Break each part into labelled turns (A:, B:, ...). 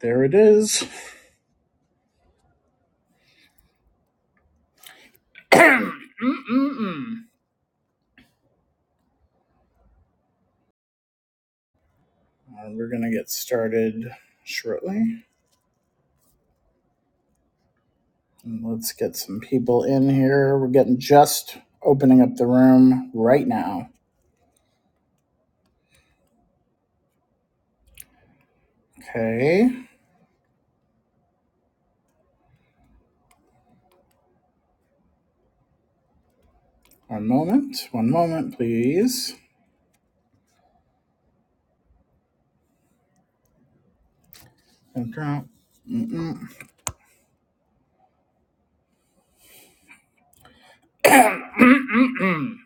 A: There it is. Mm-mm-mm. Uh, we're going to get started shortly. And let's get some people in here. We're getting just opening up the room right now. Okay. One moment. One moment, please. Don't drop. mm mm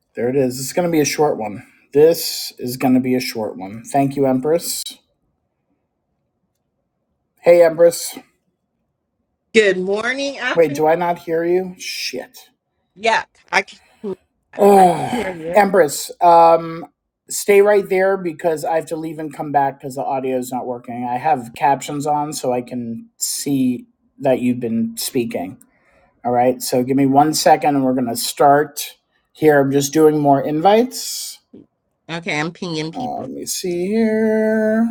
A: there it is. It's going to be a short one. This is going to be a short one. Thank you, Empress. Hey, Empress.
B: Good morning,
A: Wait,
B: afternoon.
A: do I not hear you? Shit.
B: Yeah, I can, I
A: Oh,
B: can hear you.
A: Empress, um, stay right there because I have to leave and come back because the audio is not working. I have captions on so I can see that you've been speaking. All right, so give me one second and we're going to start here. I'm just doing more invites.
B: Okay, I'm pinging
A: Uh,
B: people.
A: let me see here.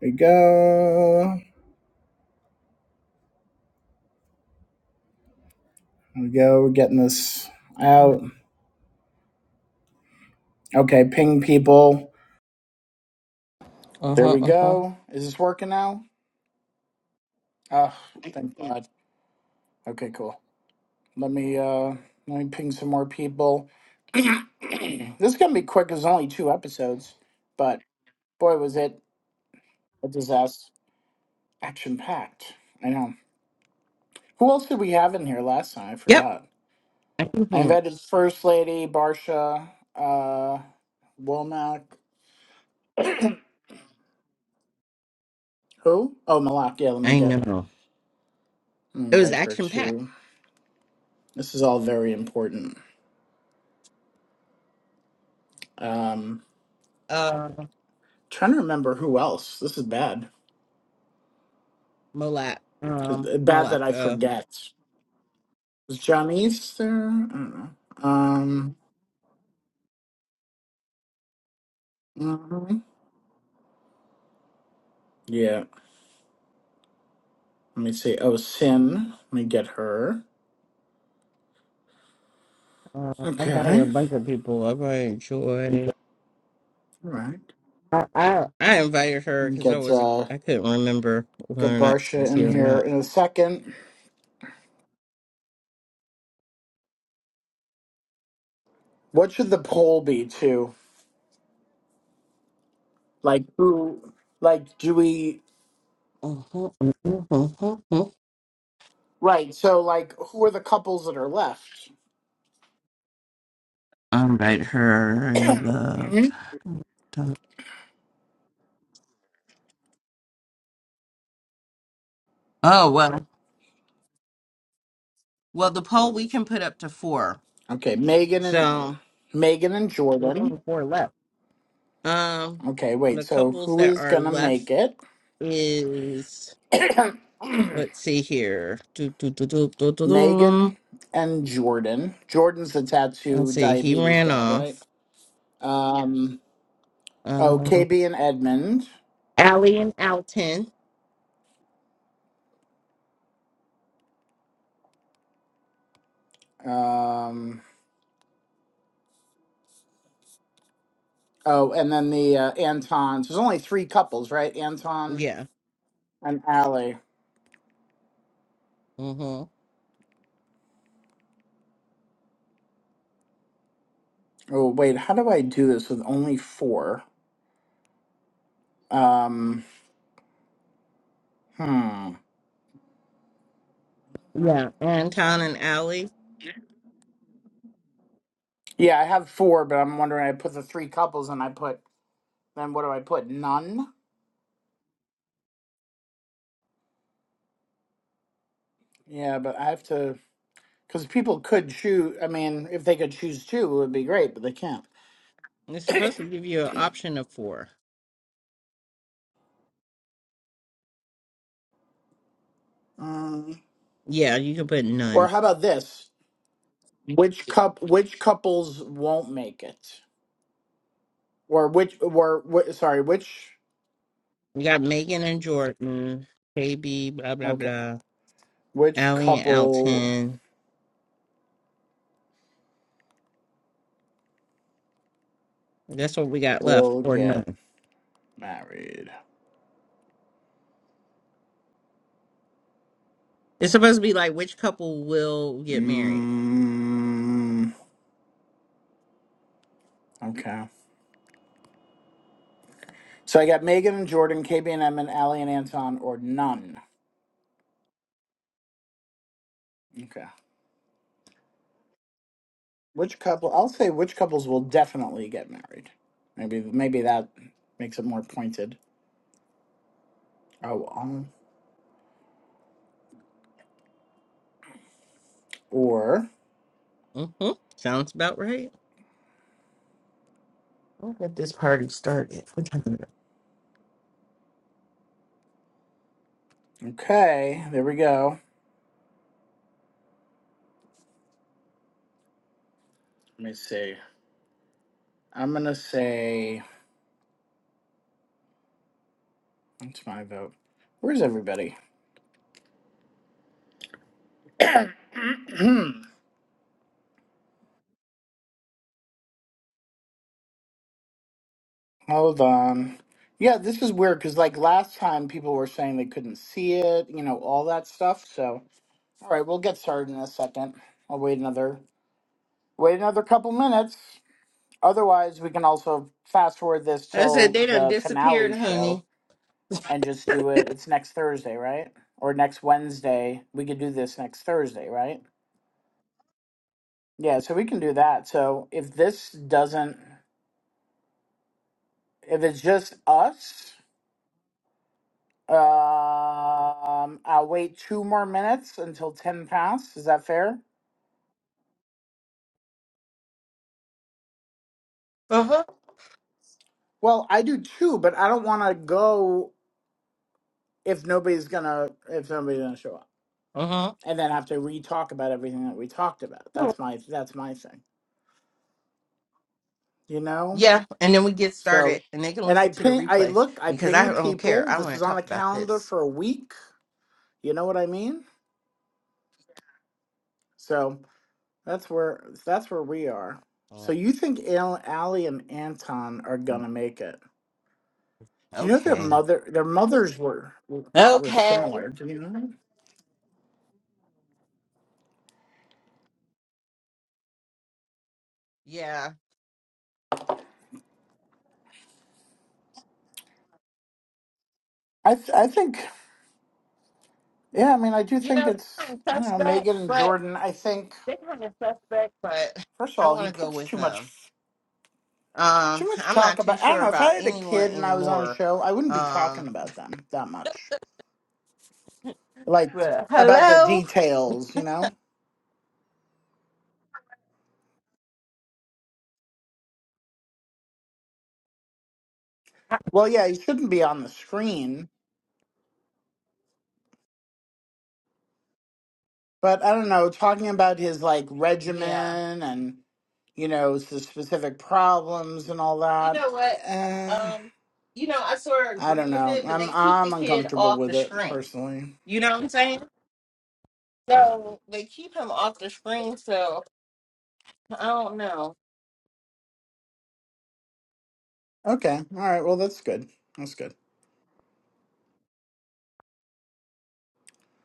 A: Here we go. Here we go. We're getting this out. Okay, ping people.
B: Uh
A: There
B: huh.
A: we
B: Uh huh.
A: go. Is this working now? Oh, thank God. Okay, cool. Let me uh let me ping some more people. this is gonna be quick. It's only two episodes, but boy, was it a disaster, action packed. I know. Who else did we have in here last time? I
B: Yep.
A: forgot.
B: I can
A: I
B: hear.
A: invited First Lady Barsha, uh, Womack. Who? Oh, Malak. Yeah, let me
B: I
A: get
B: know.
A: let me
B: It was
A: invite her
B: action packed.
A: too. This is all very important. Um,
B: Uh,
A: trying to remember who else. This is bad.
B: Malak,
A: 'Cause-
B: um,
A: Bad that I
B: Malacca.
A: forget. Is Johnny's there? I don't know. Um, mhm. yeah. Let me see. Oh, Sin. Let me get her.
B: Uh, uh, I invited a
A: Okay.
B: bunch of people. I invited Joy.
A: All right.
B: I I, I invited her
A: Let me
B: because I
A: get
B: was not
A: uh,
B: I couldn't remember
A: get
B: whether or not she
A: Barsha
B: was
A: in
B: here or
A: here
B: not.
A: in a second. What should the poll be to? Like who? Like do we? Right. So like, who are the couples that are left?
B: I invited her. I love.
A: Mhm.
B: Oh well, well the poll we can put up to four.
A: Okay, Megan and
B: So
A: Megan and
B: there's
A: Jordan.
B: only four left. Um,
A: Okay, wait.
B: the
A: So
B: couples
A: who
B: that
A: is
B: are
A: gonna
B: left
A: make it?
B: is. Let's see here. Do, do, do, do, do, do, do.
A: Megan and Jordan. Jordan's the tattoo
B: Let's see. He
A: diabetes
B: ran
A: dad, right?
B: off.
A: Um, oh,
B: Uh,
A: KB and Edmund.
B: Allie and Alton.
A: Um, oh, and then the uh, Antons. There's only three couples, right? Anton
B: Yeah.
A: and Allie.
B: Mm-hmm.
A: Oh, wait, how do I do this with only four? Um, hmm.
B: Yeah. Anton and Allie.
A: Yeah, I have four, but I'm wondering, I put the three couples and I put, then what do I put? None? Yeah, but I have to, because people could choose. I mean, if they could choose two, it would be great, but they can't.
B: It's supposed to give you an option of four.
A: Mm.
B: Yeah, you can put
A: Or
B: none.
A: how about this? Which cup? Which couples won't make it? Or which? Or wh- sorry, which?
B: You got Megan and Jordan, KB, blah, blah,
A: Okay,
B: blah.
A: which
B: Allie and
A: couple
B: Alton. That's what we got left,
A: will
B: or
A: get
B: none.
A: married?
B: It's supposed to be like which couple will get married.
A: Mm, okay. So I got Megan and Jordan, KB and M, and Allie and Anton, or none. Okay. Which couple? I'll say which couples will definitely get married. Maybe maybe that makes it more pointed. Oh, um, or
B: Mm-hmm. Sounds about right. We'll get this party started. What time is it?
A: okay. There we go. Let me see. I'm gonna say that's my vote. Where's everybody? Hold on. Yeah, this is weird because like last time people were saying they couldn't see it, you know, all that stuff. So all right, we'll get started in a second. I'll wait another wait another couple minutes. Otherwise we can also fast forward this
B: I said
A: till
B: they done
A: the finale
B: disappeared,
A: show
B: honey.
A: and just do it. It's next Thursday, right? Or next Wednesday. We could do this next Thursday, right? Yeah, so we can do that. So if this doesn't If it's just us, um, I'll wait two more minutes until 10 past. Is that fair?
B: Uh huh.
A: Well, I do too, but I don't want to go if nobody's gonna if nobody's gonna show up,
B: Uh
A: and then have to re-talk about everything that we talked about.
B: huh.
A: That's my that's my thing, you know.
B: Yeah, and then we get
A: So,
B: started, and they can
A: and I
B: listen to the
A: ping, I
B: replays
A: look, I
B: because
A: ping the
B: I don't care.
A: people.
B: I
A: This
B: want
A: was
B: to
A: on the
B: talk about
A: calendar
B: this.
A: for a week. You know what I mean? So. That's where that's where we are. So you think Al- Allie and Anton are gonna make it? Do you know their
B: Okay.
A: mother? Their mothers were were, were
B: Okay.
A: similar. Do you know that?
B: Yeah.
A: I th- I think yeah. I mean, I do
B: You
A: think
B: know, they're
A: it's
B: kind of
A: you know
B: suspect,
A: Megan and
B: but
A: Jordan. I think
B: they're kind of suspect, but
A: first of
B: I
A: all, he
B: want to go
A: puts
B: with
A: too much
B: them. Um,
A: too much
B: I'm
A: talk
B: not too
A: about. I don't
B: sure
A: know. If
B: about
A: I had a
B: anyone
A: kid and I was on a
B: anymore.
A: show, I wouldn't be talking
B: Um,
A: about them that much. Like
B: but
A: about the
B: hello.
A: details, you know. Well, yeah, he shouldn't be on the screen, but I don't know, talking about his like
B: Yeah.
A: regimen and you know the specific problems and all
B: You
A: that.
B: know what?
A: Uh,
B: Um, you know, I sort of
A: I
B: agree
A: don't
B: with
A: know.
B: it, but
A: I'm
B: they keep the
A: I'm
B: kid
A: uncomfortable
B: off
A: with
B: the
A: it
B: screen.
A: personally.
B: You know what I'm saying? So they keep him off the screen, so I don't know.
A: Okay, all right. Well, that's good. That's good.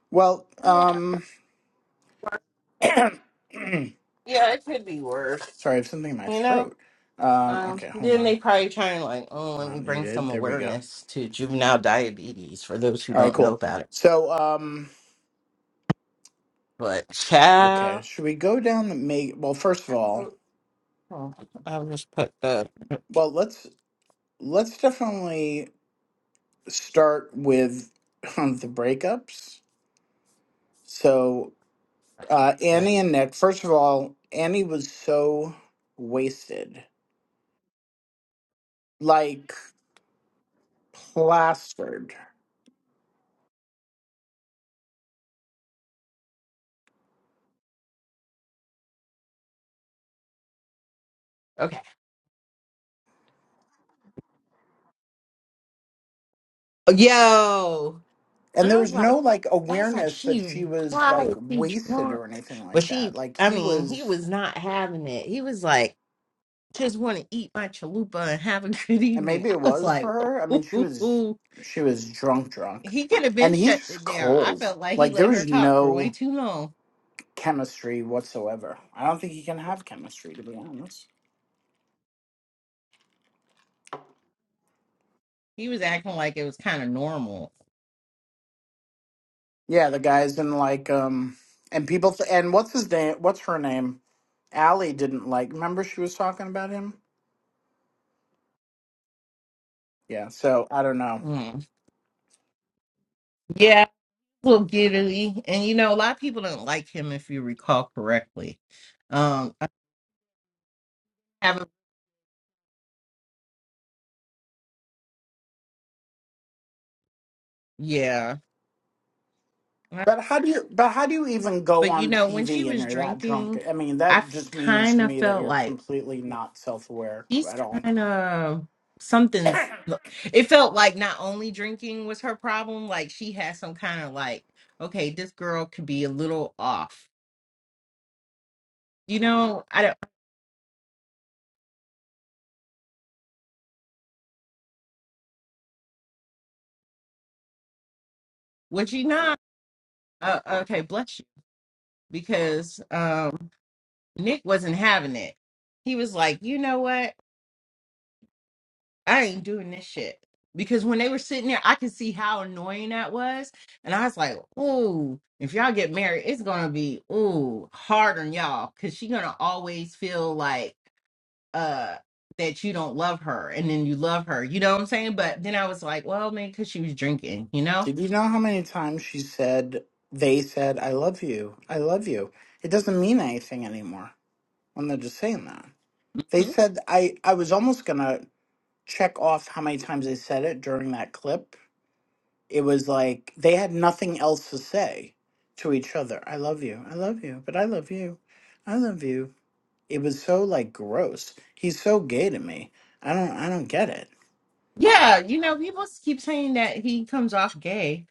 A: Well,
B: Yeah,
A: um, sorry, I
B: yeah, it could be worse.
A: have something in my
B: You know?
A: throat. Um,
B: Um,
A: okay, hold
B: then
A: on.
B: they probably trying like, oh, let me
A: Not
B: bring
A: needed.
B: some
A: There we go.
B: awareness to juvenile diabetes for those who
A: All right,
B: don't know
A: cool.
B: about it.
A: So, um,
B: But
A: okay,
B: child,
A: should we go down the make? Well, first of
B: I
A: all,
B: don't- oh, I'll just put the
A: well, let's let's definitely. start with um, the breakups. So, uh,
B: What?
A: Annie and Nick, first of all, Annie was so wasted, like plastered.
B: okay. Yo.
A: And
B: And
A: there
B: I was
A: was
B: like,
A: no like
B: "That's like,
A: awareness that
B: she
A: she was like
B: high, she
A: wasted
B: drunk.
A: or anything
B: But
A: like that.
B: she,
A: Like
B: I
A: he
B: mean, he
A: was,
B: was not having it. He was like, just want to eat my chalupa and have a good
A: and
B: evening.
A: maybe it
B: I was
A: was
B: like,
A: for her. I mean, she was,
B: ooh.
A: she was drunk, drunk.
B: he could have
A: And
B: been
A: he's
B: shut
A: just
B: it down. I
A: cold.
B: felt like he
A: Like there
B: let her
A: was
B: talk for way
A: no
B: too long.
A: chemistry whatsoever. I don't think he can have chemistry, to be honest.
B: He was acting like it was kind of normal.
A: Yeah, the guys in like um and people th- and what's his name? What's her name? Allie didn't like. Remember she was talking about him? Yeah, so I don't know.
B: Mm. Yeah, a little giddily. And you know, a lot of people don't like him if you recall correctly. Um, I haven't, yeah.
A: But how do you but how do you even go
B: But you
A: on
B: know, when she
A: TV and
B: was
A: you're that drunk?
B: drinking,
A: I mean,
B: I
A: that just means
B: kind
A: to
B: of
A: me that
B: felt
A: you're
B: like
A: completely not self-aware
B: she's
A: at all.
B: kind of something's. It felt like not only drinking was her problem, like she had some kind of like, okay, this girl could be a little off. You know, I don't. Would you not? Uh, okay, bless you, because um, Nick wasn't having it. He was like, you know what? I ain't doing this shit. Because when they were sitting there, I could see how annoying that was. And I was like, ooh, if y'all get married, it's gonna be ooh hard on y'all. Cause she gonna always feel like uh that you don't love her and then you love her. You know what I'm saying? But then I was like, well, man, cause she was drinking, you know?
A: Did you know how many times she said they said I love you. I love you. It doesn't mean anything anymore when they're just saying that. They
B: Mhm.
A: said I I was almost going to check off how many times they said it during that clip. It was like they had nothing else to say to each other. I love you. I love you. But I love you. I love you. It was so like gross. He's so gay to me. I don't I don't get it.
B: Yeah, you know, people s- keep saying that he comes off gay.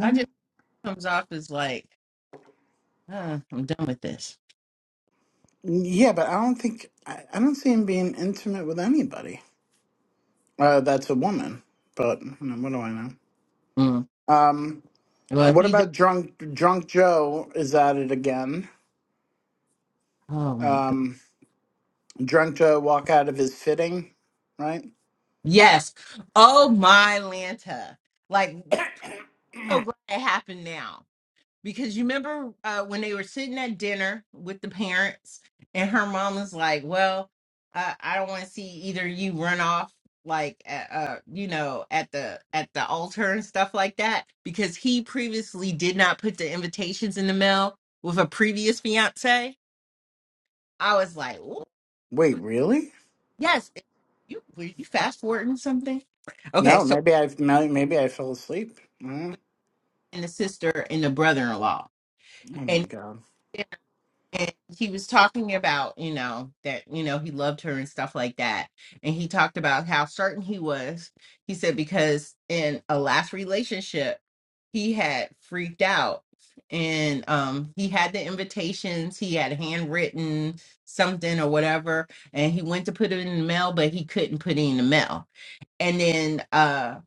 B: I just comes off as like, uh, I'm done with this.
A: Yeah, but I don't think I, I don't see him being intimate with anybody. Uh, that's a woman, but you know, what do I know?
B: Mm.
A: Um,
B: Well,
A: what
B: he,
A: about drunk drunk Joe? Is at it again?
B: oh my god.
A: Um, drunk to walk out of his fitting, right?
B: Yes. Oh my Lanta. Like so glad it happened now. Because you remember uh, when they were sitting at dinner with the parents and her mom was like, Well, uh, I don't want to see either you run off like at, uh you know at the at the altar and stuff like that because he previously did not put the invitations in the mail with a previous fiance. I was like, "Ooh,
A: Wait, really?
B: yes, you were you fast forwarding something? Okay,
A: No,
B: so
A: maybe I may- maybe I fell asleep. Mm.
B: and the sister and the brother-in-law
A: Oh my
B: and
A: god,
B: and he was talking about you know that you know he loved her and stuff like that and he talked about how certain he was he said because in a last relationship he had freaked out and um he had the invitations he had handwritten something or whatever and he went to put it in the mail but he couldn't put it in the mail and then uh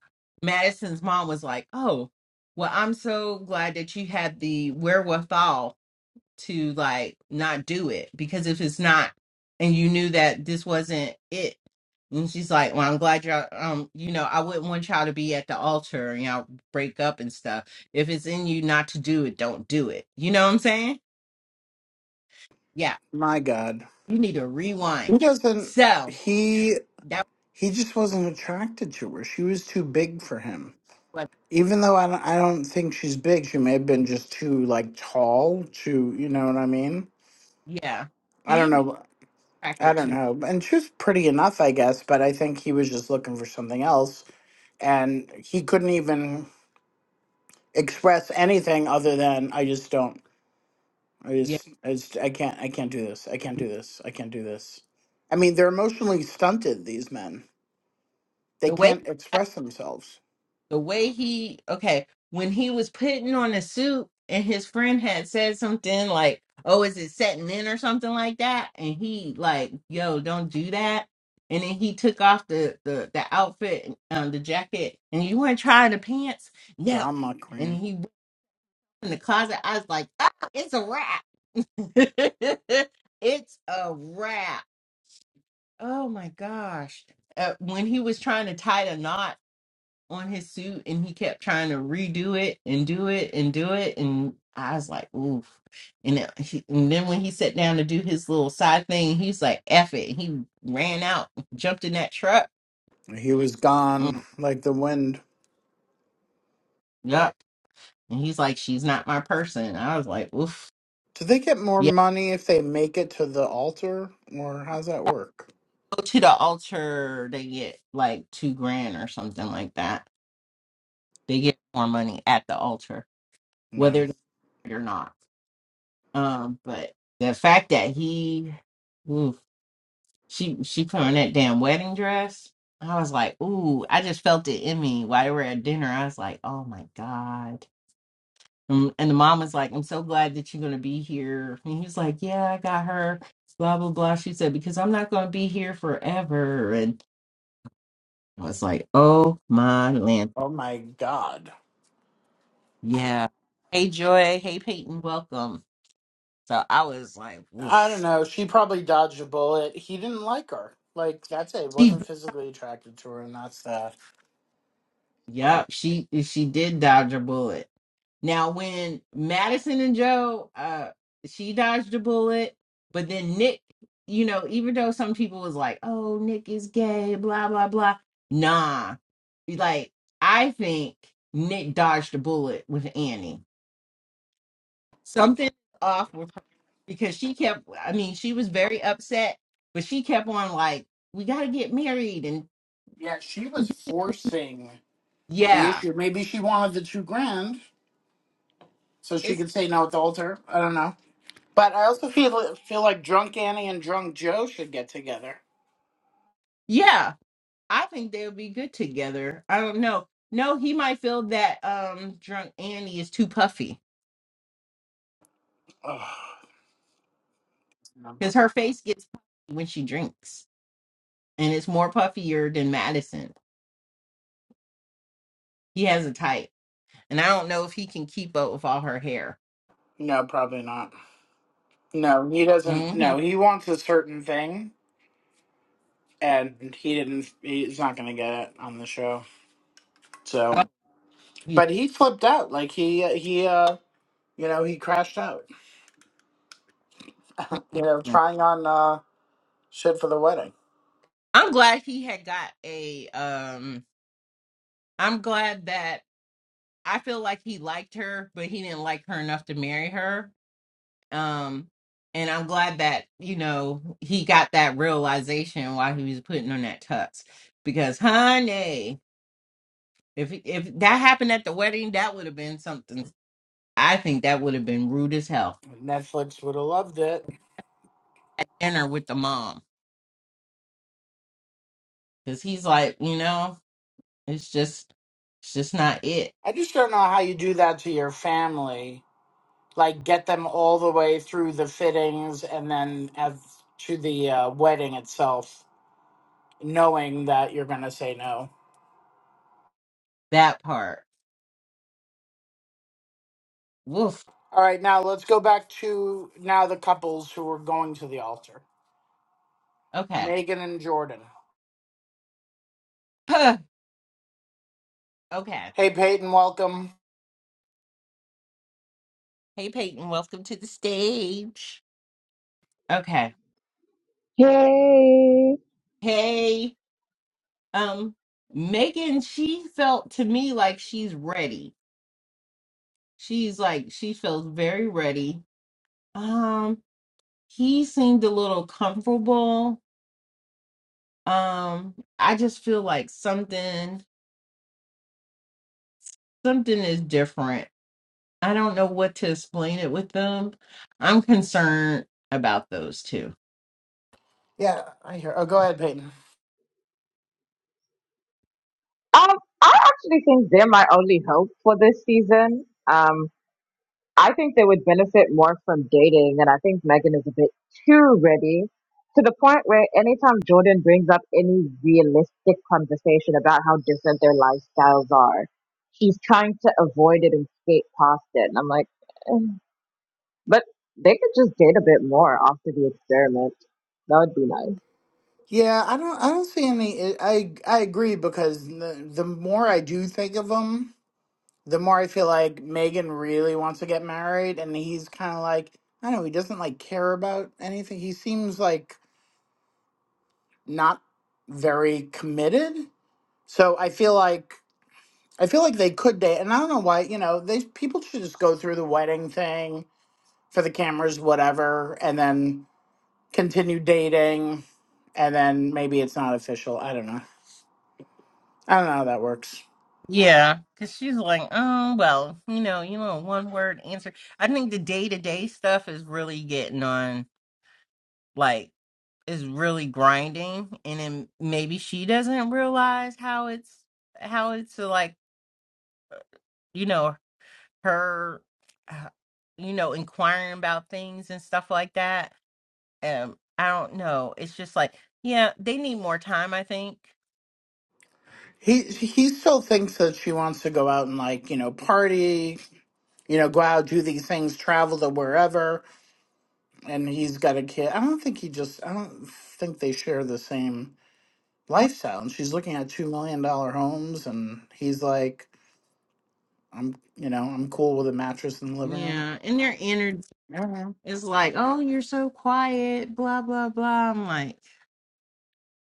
B: Madison's mom was like, "Oh, well, I'm so glad that you had the wherewithal to like not do it because if it's not, and you knew that this wasn't it." And she's like, "Well, I'm glad you're. Um, you know, I wouldn't want y'all to be at the altar and y'all break up and stuff. If it's in you not to do it, don't do it. You know what I'm saying? Yeah,
A: my god,
B: you need to rewind.
A: he doesn't.
B: So
A: He
B: that
A: he just wasn't attracted to her. She was too big for him.
B: was what.
A: Even though I don't, I don't think she's big, she may have been just too like tall. Too, you know what I mean?
B: Yeah,
A: I don't
B: he
A: know. I
B: attracted
A: don't
B: to.
A: know. And she was pretty enough, I guess. But I think he was just looking for something else, and he couldn't even. express anything other than I just don't. I
B: Yeah."
A: just, I just, I can't, I can't do this. I can't do this. I can't do this. I mean, they're emotionally stunted. These men, they
B: the way."
A: can't express themselves.
B: the way he okay when he was putting on a suit and his friend had said something like oh is it setting in or something like that and he like yo don't do that and then he took off the the, the outfit um, the jacket and you want to try the pants no
A: Drama
B: and
A: queen.
B: he went in the closet i was like oh it's a wrap it's a wrap oh my gosh uh, when he was trying to tie the knot on his suit and he kept trying to redo it and do it and do it and I was like, oof. And then, he, and then when he sat down to do his little side thing, he's like, F it. And he ran out, jumped in that truck.
A: He was gone
B: Mm,
A: like the wind.
B: yup. And he's like, she's not my person. I was like, oof.
A: Do they get more
B: Yeah,
A: money if they make it to the altar, or how's that work?
B: go to the altar. They get like two grand or something like that. They get more money at the altar, whether
A: Man,
B: they're married or not. Um, but the fact that he, oof. She she put on that damn wedding dress. I was like, ooh, I just felt it in me while they were at dinner. I was like, oh my God. Mm, And the mom was like, I'm so glad that you're gonna be here. And he was like, Yeah, I got her. Blah blah blah. She said, Because I'm not gonna be here forever. And I was like, Oh my land.
A: oh my god.
B: Yeah. Hey Joy. Hey Peyton, welcome. So I was like,
A: I don't
B: oof.
A: know. She probably dodged a bullet. He didn't like her. Like that's it.
B: She
A: Wasn't physically attracted to her, and that's that.
B: yep, she she did dodge a bullet Now, when Madison and Joe, uh, she dodged a bullet, but then Nick, you know, even though some people was like, "Oh, Nick is gay," blah blah blah. Nah, like I think Nick dodged a bullet with Annie. Something off with her because she kept. I mean, she was very upset, but she kept on like, "We got to get married," and
A: Yeah, she was forcing the
B: yeah,
A: issue. Maybe she wanted the two grand so she
B: it's
A: could say no at the altar. I don't know. But I also feel feel like drunk Annie and drunk Joe should get together.
B: yeah. I think they would be good together. I don't know. No, he might feel that um drunk Annie is too puffy
A: Ugh. No,
B: because her face gets puffy when she drinks, and it's more puffier than Madison. He has a type, and I don't know if he can keep up with all her hair.
A: No, probably not. No, he doesn't.
B: hmm
A: No, he wants a certain thing, and he didn't. He's not going to get it on the show.
B: Oh,
A: So,
B: he's-
A: but he flipped out. Like he he uh you know he crashed out. you know, trying on uh shit for the wedding.
B: I'm glad he had got a. um I'm glad that I feel like he liked her, but he didn't like her enough to marry her Um, and I'm glad that, you know, he got that realization while he was putting on that tux. Because honey, if if that happened at the wedding, that would have been something I think that would have been rude as hell.
A: Netflix would have loved it.
B: At dinner with the mom. Because he's like, you know. It's just it's just not it.
A: I just don't know how you do that to your family. Like, get them all the way through the fittings and then as to the uh, wedding itself, knowing that you're going to say no.
B: That part. Woof.
A: All right, now let's go back to now the couples who are going to the altar
B: Okay.
A: Megan and Jordan.
B: Huh. Okay.
A: Hey, Peyton, welcome.
B: Hey Peyton, welcome to the stage. Okay.
C: Hey.
B: Hey, um, Megan, she felt to me like she's ready. She's like she feels very ready. Um, he seemed a little comfortable. Um, I just feel like something something is different. I don't know what to explain it with them. I'm concerned about those two.
A: Yeah, I hear. Oh, go ahead, Peyton.
C: Um, I actually think they're my only hope for this season. Um, I think they would benefit more from dating, and I think Megan is a bit too ready to the point where anytime Jordan brings up any realistic conversation about how different their lifestyles are, she's trying to avoid it and skate past it. And I'm like, eh. but they could just date a bit more after the experiment. That would be nice.
A: Yeah, I don't. I don't see any. I I agree because the the more I do think of them, the more I feel like Megan really wants to get married, and he's kind of like, I don't know, he doesn't like care about anything. He seems like not very committed. So I feel like I feel like they could date, and I don't know why. You know, they people should just go through the wedding thing for the cameras, whatever, and then continue dating, and then maybe it's not official. I don't know. I don't know how that works.
B: Yeah, because she's like, oh, well, you know, you know, one word answer. I think the day to day stuff is really getting on, like, is really grinding. And then maybe she doesn't realize how it's, how it's uh, like, you know, her uh, you know inquiring about things and stuff like that um i don't know it's just like yeah they need more time i think
A: He he still thinks that she wants to go out and like you know party you know, go out, do these things, travel to wherever. And he's got a kid. I don't think he just, I don't think they share the same lifestyle. And she's looking at $2 million dollar homes, and he's like, I'm, you know, I'm cool with a mattress in the living room.
B: Yeah, and their energy
A: I don't know.
B: is like, oh, you're so quiet, blah, blah, blah. I'm like,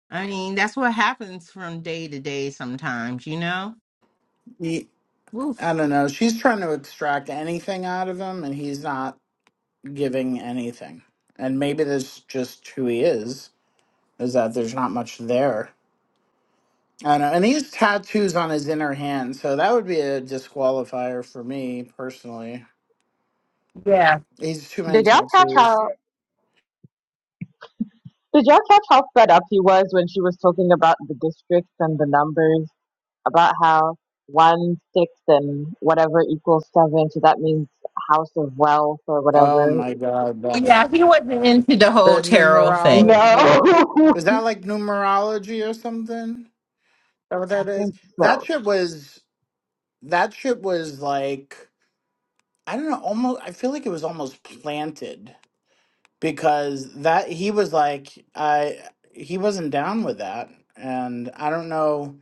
B: I mean, that's what happens from day to day sometimes, you know?
A: He, I
B: Oof.
A: don't know. She's trying to extract anything out of him, and he's not giving anything. And maybe that's just who he is, is that there's not much there I know, and he's tattoos on his inner hand, so that would be a disqualifier for me personally.
B: yeah
A: He's too many
C: Did y'all catch how?
A: tattoos.
C: Did y'all catch how fed up he was when she was talking about the districts and the numbers, about how one, six, and whatever equals seven, so that means house of wealth or
A: Oh
C: whatever?
A: my god, the,
B: yeah he wasn't into the whole
A: the
B: tarot
C: No,
B: thing
A: numerology is that
C: I
A: like numerology or something? Is that what that is?
C: think
A: That
C: so.
A: shit was that shit was like I don't know, almost I feel like it was almost planted because that he was like I he wasn't down with that, and I don't know.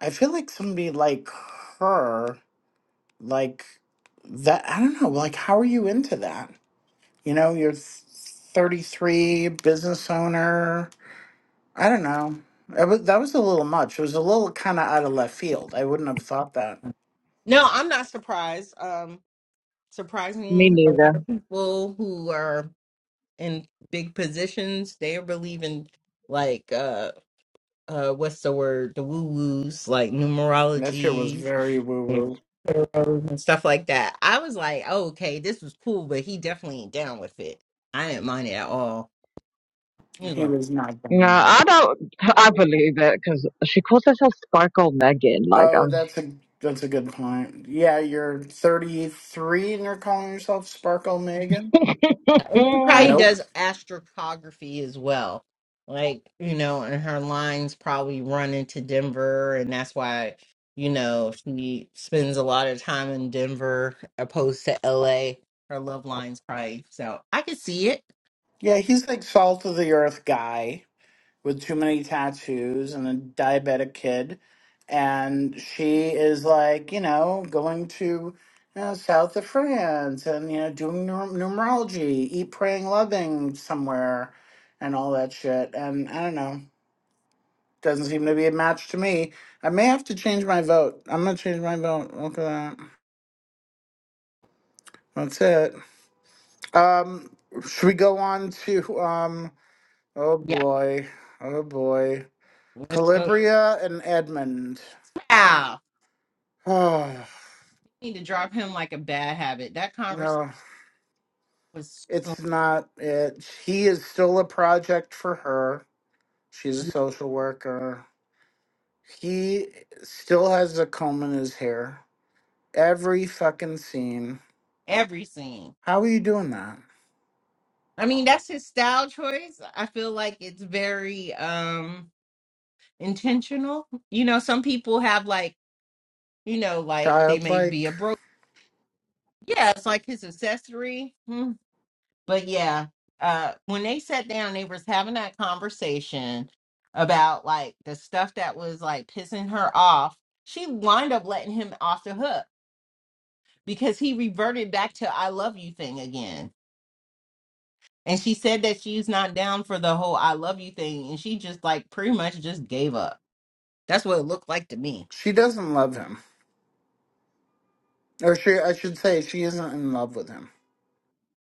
A: I feel like somebody like her. like that i don't know like how are you into that you know you're 33 business owner i don't know it was, that was a little much it was a little kind of out of left field i wouldn't have thought that
B: No, I'm not surprised. Um,
C: Me
B: surprising a
C: neither.
B: lot of people who are in big positions, they believe in like uh uh what's the word? The woo woos, like
A: that shit was
B: numerology
A: very woo
B: Yeah.
A: woo
B: tarot, and stuff like that. I was like, oh, okay, this was cool, but he definitely ain't down with it. I didn't mind it at all.
A: he was not
C: No,
A: going
C: I
A: around.
C: don't. I believe it because she calls herself Sparkle Megan. Like,
A: oh
C: I'm.
A: that's a that's a good point yeah you're 33 and you're calling yourself sparkle megan
B: And she probably
C: Mm.
A: nope
B: does astrocartography as well. Like, you know, and her lines probably run into Denver, and that's why, you know, she spends a lot of time in Denver opposed to LA. Her love lines probably. So I could see it.
A: yeah he's like salt of the earth guy with too many tattoos and a diabetic kid. And she is like, you know, going to you know, south of France and, you know, doing numer- numerology, eat, praying, loving somewhere and all that shit. And I don't know. Doesn't seem to be a match to me. I may have to change my vote. I'm going to change my vote. Look at that. That's it. Um, should we go on to, um, oh
B: Yeah.
A: boy, oh boy.
B: Let's go.
A: Calibria and Edmund.
B: Wow.
A: Oh,
B: You need to drop him like a bad habit. That conversation
A: no,
B: was so
A: it's not it. He is still a project for her. She's a social worker. He still has a comb in his hair. Every fucking scene.
B: every scene.
A: How are you doing that?
B: I mean, that's his style choice. I feel like it's very um intentional. You know, some people have like you know, like they may be
A: Childlike.
B: a broke. Yeah, it's like his accessory. Hmm. But yeah, uh, when they sat down, they was having that conversation about like the stuff that was like pissing her off. She wind up letting him off the hook because he reverted back to "I love you" thing again. And she said that she's not down for the whole "I love you" thing, and she just like pretty much just gave up. That's what it looked like to me.
A: She doesn't love him. Or she I should say she isn't in love with him.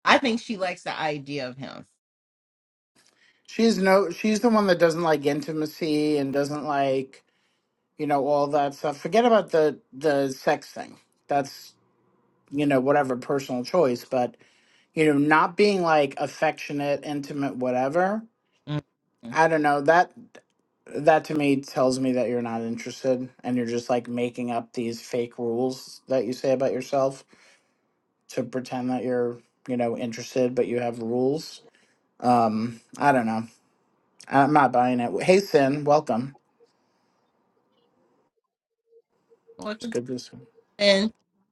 B: I think she likes the idea of him.
A: She's no she's the one that doesn't like intimacy and doesn't like, you know, all that stuff. Forget about the the sex thing. That's, you know, whatever personal choice, but you know not being like affectionate intimate whatever
B: Mhm.
A: i don't know that that to me tells me that you're not interested and you're just like making up these fake rules that you say about yourself to pretend that you're you know interested but you have rules um i don't know i'm not buying it hey sin welcome
B: Well,
A: it's
B: it's-
A: good to see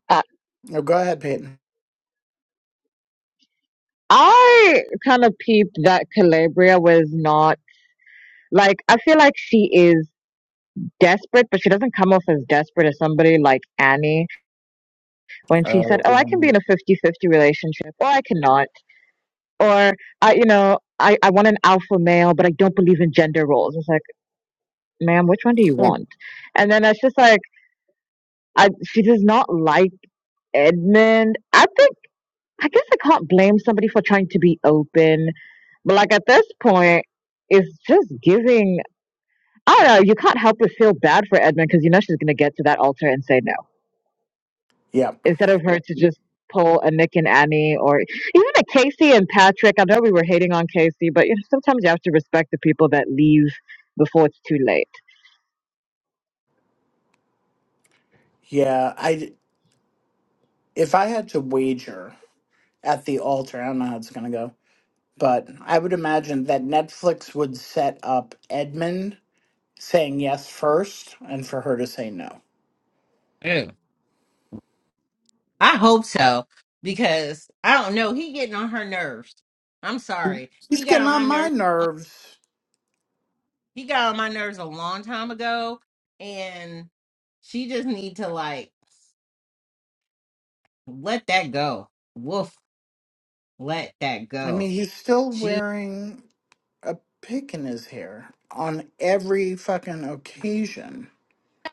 C: I,
A: you. oh go ahead peyton
C: I kind of peeped that Calabria was not like. I feel like she is. desperate, but she doesn't come off as desperate as somebody like Annie when she said,
A: oh
C: Oh, I can be in a fifty-fifty relationship, or I cannot, or I, you know, I, I want an alpha male, but I don't believe in gender roles. It's like, ma'am, which one do you
A: yeah.
C: want? And then it's just like, I, she does not like Edmund. I think, I guess I can't blame somebody for trying to be open, but like at this point, it's just giving. I don't know. You can't help but feel bad for Edmund because you know she's going to get to that altar and say no
A: yep
C: instead of her to just pull a Nick and Annie or even a Casey and Patrick. I know we were hating on Casey, but you know, sometimes you have to respect the people that leave before it's too late.
A: yeah i if i had to wager at the altar i don't know how it's gonna go But I would imagine that Netflix would set up Edmund saying yes first and for her to say no.
B: and- I hope so because I don't know. He getting on her nerves. I'm sorry.
A: He's
B: He got
A: getting
B: on my
A: on my
B: nerves.
A: nerves.
B: He got on my nerves a long time ago, and she just need to like let that go. Woof, let that
A: I mean,
B: go.
A: he's still
B: She.
A: wearing a pick in his hair on every fucking occasion.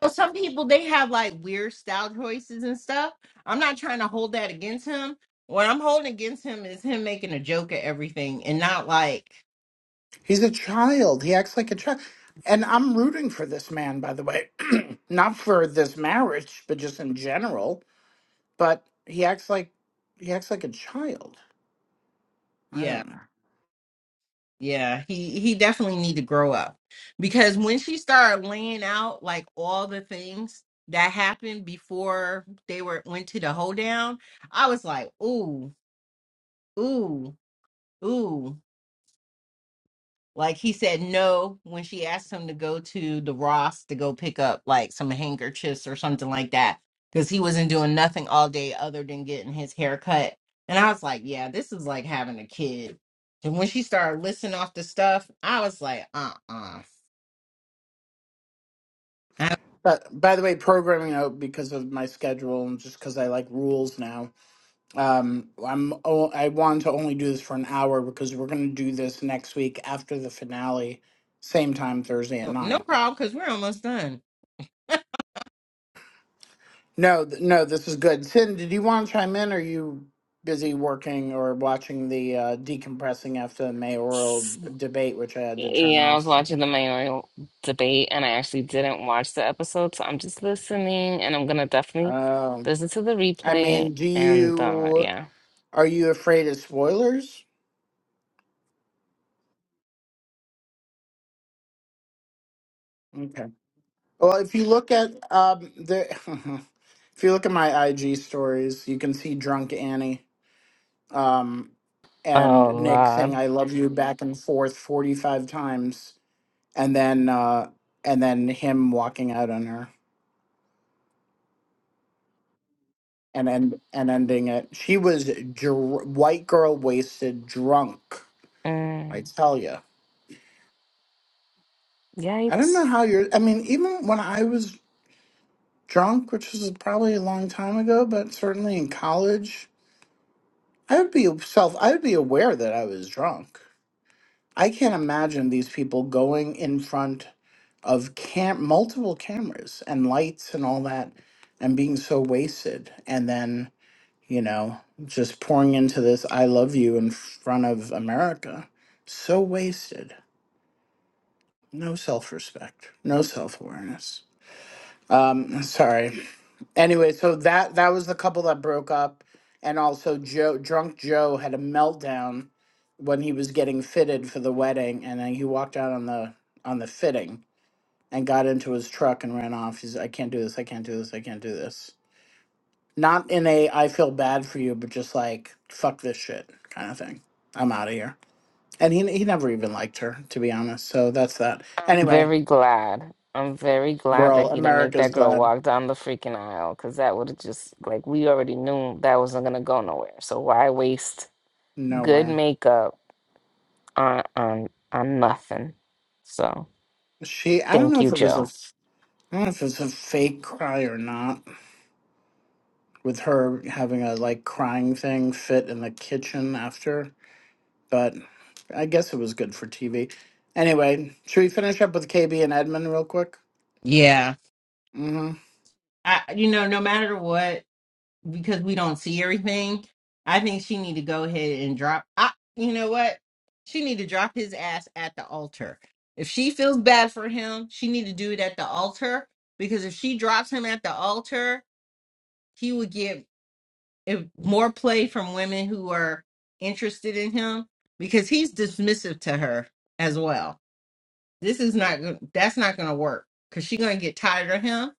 B: You know, some people they have like weird style choices and stuff. I'm not trying to hold that against him. What I'm holding against him is him making a joke at everything and not like,
A: He's a child. He acts like a child. And I'm rooting for this man, by the way. Not for this marriage, but just in general. But he acts like he acts like a child. I
B: yeah.
A: don't know.
B: Yeah, he he definitely need to grow up because when she started laying out like all the things that happened before they were went to the hoedown, I was like, ooh, ooh, ooh. Like he said no when she asked him to go to the Ross to go pick up like some handkerchiefs or something like that because he wasn't doing nothing all day other than getting his hair cut. And I was like, yeah, this is like having a kid. And when she started listing off the stuff, I was like, uh uh Ab-
A: But by the way, programming out because of my schedule and just because I like rules now. Um, I'm oh, I wanted to only do this for an hour because we're gonna do this next week after the finale, same time Thursday at
B: No
A: nine.
B: problem, because we're almost done.
A: No, th- no, this is good. Sin, did you want to chime in? Or are you busy working or watching the uh, decompressing after the mayoral debate, which I had to turn
D: Yeah, I was
A: off?
D: watching the mayoral debate and I actually didn't watch the episode, so I'm just listening and I'm gonna definitely
A: Um,
D: listen to the
A: I
D: replay
A: mean, do
D: and uh
A: you
D: yeah.
A: are you afraid of spoilers? Okay. Well, if you look at um, the, if you look at my IG stories, you can see drunk Annie um,
D: Oh
A: and Nick saying
D: Lord.
A: "I love you" back and forth forty five times, and then uh, and then him walking out on her and and and ending it. She was dr- white girl wasted drunk. I
D: Mm,
A: tell you, I don't
D: yipes.
A: know how you're. I mean, even when I was drunk, which was probably a long time ago, but certainly in college. I would be self, I would be aware that I was drunk. I can't imagine these people going in front of cam- multiple cameras and lights and all that and being so wasted and then, you know, just pouring into this I love you in front of America. So wasted. No self respect, no self awareness. Um, sorry. Anyway, so that that was the couple that broke up, and also Joe, drunk Joe, had a meltdown when he was getting fitted for the wedding, and then he walked out on the on the fitting and got into his truck and ran off. He's, I can't do this. I can't do this. I can't do this. Not in a I feel bad for you, but just like fuck this shit kind of thing. I'm out of here. And he he never even liked her to be honest. So that's that.
D: I'm
A: Anyway,
D: very glad. I'm very glad that
A: world
D: he didn't make
A: America's
D: that girl
A: glad
D: walk down the freaking aisle because that would have just like we already knew that wasn't gonna go nowhere. So why waste good
A: nowhere.
D: makeup on on on nothing? So
A: She I don't
D: thank
A: know if
D: you,
A: it was a
D: Joe.
A: I don't know if it's a fake cry or not, with her having a like crying thing fit in the kitchen after, but I guess it was good for TV. Anyway, should we finish up with KB and Edmund real quick?
B: Yeah,
A: hmm
B: I, you know, no matter what, because we don't see everything. I think she need to go ahead and drop. I, you know what? She need to drop his ass at the altar. If she feels bad for him, she need to do it at the altar because if she drops him at the altar, he would get if, more play from women who are interested in him because he's dismissive to her as well this is not go- that's not gonna work because she's gonna get tired of him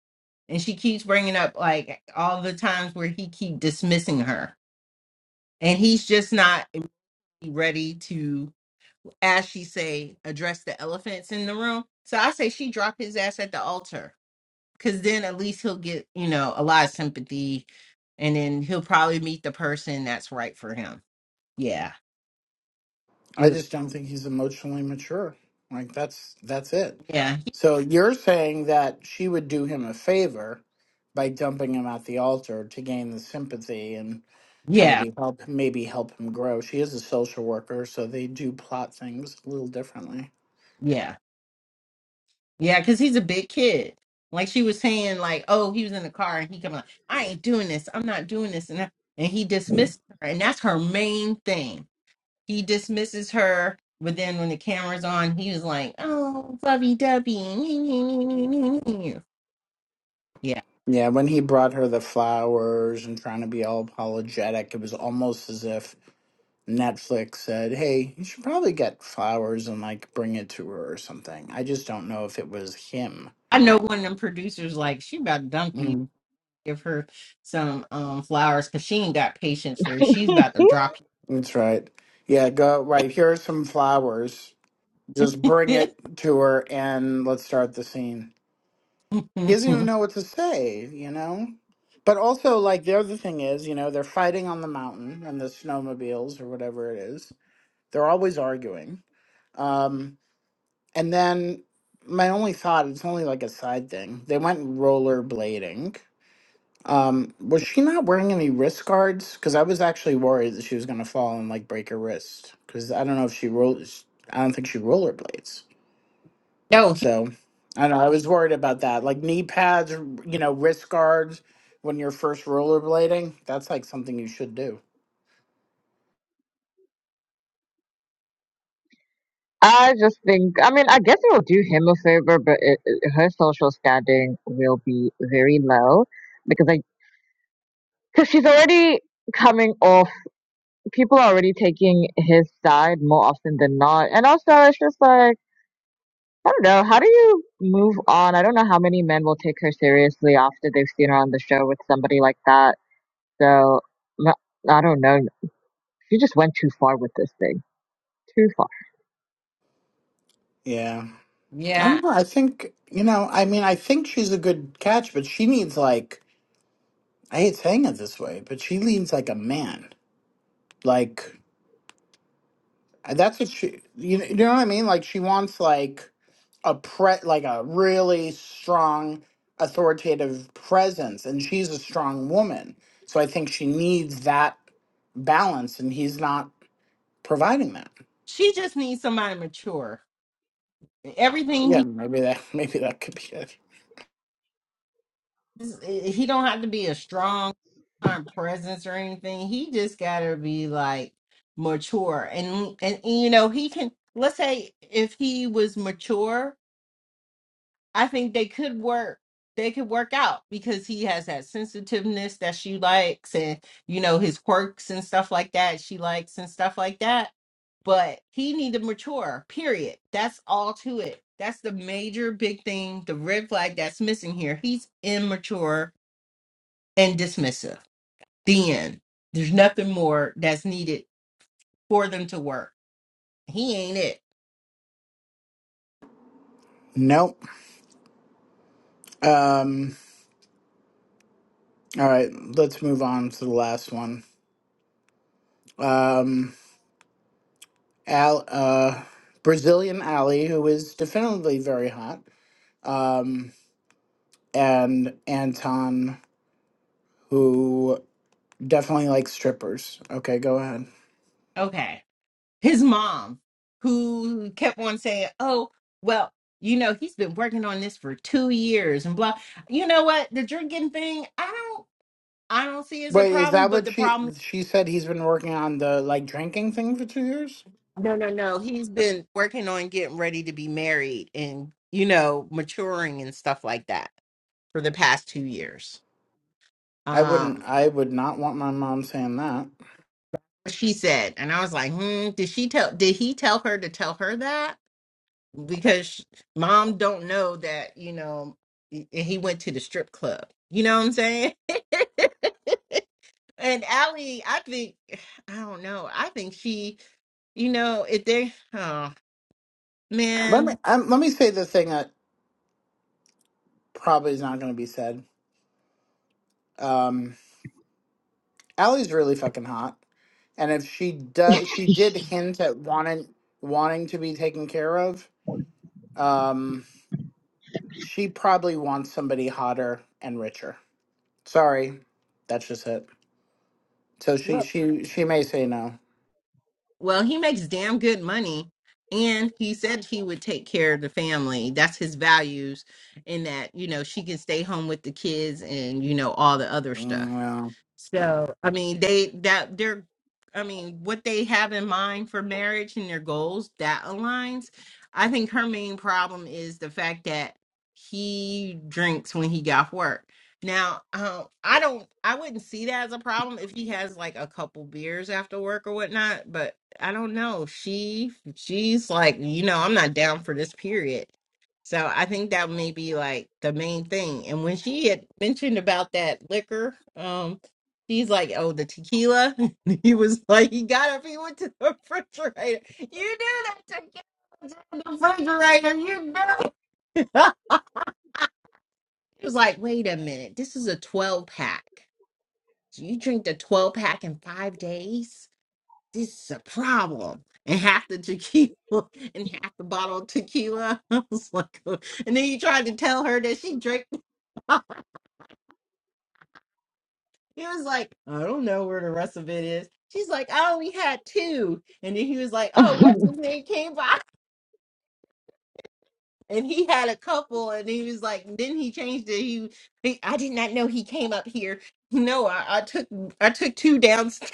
B: and she keeps bringing up like all the times where he keep dismissing her and he's just not ready to as she say address the elephants in the room so i say she drop his ass at the altar because then at least he'll get you know a lot of sympathy and then he'll probably meet the person that's right for him yeah
A: I
B: You-
A: just don't think he's emotionally mature. Like that's that's it.
B: yeah
A: So you're saying that she would do him a favor by dumping him at the altar to gain the sympathy and
B: yeah
A: maybe help maybe help him grow. She is a social worker, so they do plot things a little differently.
B: yeah Yeah, because he's a big kid. Like she was saying, like, oh, he was in the car and he come out, I ain't doing this. I'm not doing this. And, I, and he dismissed her. And that's her main thing. He dismisses her. But then when the camera's on, he was like, oh, lovey dovey. Yeah.
A: Yeah, when he brought her the flowers and trying to be all apologetic, it was almost as if Netflix said, "Hey, you should probably get flowers and like bring it to her or something." I just don't know if it was him.
B: I know one of them producers, like, she about to dump you,
A: hmm
B: give her some um flowers because she ain't got patience for you. She's about to drop
A: That's right. Yeah, go right. Here are some flowers. Just bring
B: you.
A: it to her and let's start the scene. He doesn't even know what to say, you know? But also, like, the other thing is, you know, they're fighting on the mountain and the snowmobiles or whatever it is. They're always arguing Um, and then my only thought, it's only like a side thing. They went rollerblading. Um, was she not wearing any wrist guards? Because I was actually worried that she was gonna fall and like break her wrist. Because I don't know if she roll, I don't think she rollerblades.
B: no, he,
A: So I don't know. I was worried about that. Like knee pads, r- you know, wrist guards when you're first rollerblading. That's like something you should do.
C: I just think, I mean, I guess it will do him a favor, but it, it- her social standing will be very low because I, because she's already coming off, people are already taking his side more often than not. And also, it's just like, I don't know, how do you move on? I don't know how many men will take her seriously after they've seen her on the show with somebody like that. So, m- I don't know. She just went too far with this thing. Too far.
A: Yeah. I
B: yeah.
A: don't know. I think you know. I mean, I think she's a good catch, but she needs like I hate saying it this way, but she leans like a man. Like that's what she. You, you know what I mean? Like she wants like a pre like a really strong, authoritative presence, and she's a strong woman. So I think she needs that balance, and he's not providing that.
B: She just needs somebody mature everything
A: Yeah, maybe that maybe that could be it.
B: he he don't have to be a strong um, presence or anything. He just gotta be like mature and, and and you know he can. Let's say if he was mature I think they could work. They could work out because he has that sensitiveness that she likes, and you know his quirks and stuff like that. She likes and stuff like that. But he need to mature. Period. That's all to it. That's the major big thing. The red flag that's missing here. He's immature and dismissive. The end. There's nothing more that's needed for them to work. He ain't it.
A: Nope. Um. All right, let's move on to the last one. Um. Al, uh, Brazilian Ali, who is definitely very hot, um, and Anton, who definitely likes strippers. Okay, go ahead.
B: Okay. his mom who kept on saying oh well you know he's been working on this for two years and blah you know what the drinking thing i don't i don't see as a
A: Wait, is
B: problem
A: that
B: but
A: what
B: the
A: she
B: problem
A: she said? He's been working on the like drinking thing for two years.
B: no no no he's been working on getting ready to be married and you know maturing and stuff like that for the past two years
A: I wouldn't.
B: um
A: I would not want my mom saying that.
B: she said and i was like hmm did she tell did he tell her to tell her that because sh- mom don't know that you know y- and he went to the strip club you know what i'm saying and Allie, i think i don't know i think she you know if they oh
A: Let me
B: man
A: um, let me say the thing that probably is not going to be said. Um, Allie's really fucking hot, and if she does, she did hint at wanting wanting to be taken care of. Um, she probably wants somebody hotter and richer. Sorry, that's just it. So she she she may say no.
B: Well, he makes damn good money. And he said he would take care of the family. That's his values, in that, you know, she can stay home with the kids and, you know, all the other
A: Mm,
B: stuff.
A: well,
B: So, I mean, they, that, they're, I mean, what they have in mind for marriage and their goals, that aligns. I think her main problem is the fact that he drinks when he got work. Now, um, I don't, I wouldn't see that as a problem if he has like a couple beers after work or whatnot. But I don't know. She she's like, you know, I'm not down for this period. So I think that may be like the main thing. And when she had mentioned about that liquor, um, she's like, Oh, the tequila. he was like, he got up, he went to the refrigerator. You knew that tequila was in the refrigerator, you knew. he was like, wait a minute, this is a 12 pack. So you drink the 12 pack in five days? this is a problem. And half the tequila and half the bottle of tequila. I was like, "Ugh." and then you tried to tell her that she drank. He was like, I don't know where the rest of it is. She's like, I only had two. And then he was like, Oh, what's his name came by? And he had a couple. And he was like, then he changed it. He, he I did not know he came up here. No, I, I took I took two downstairs.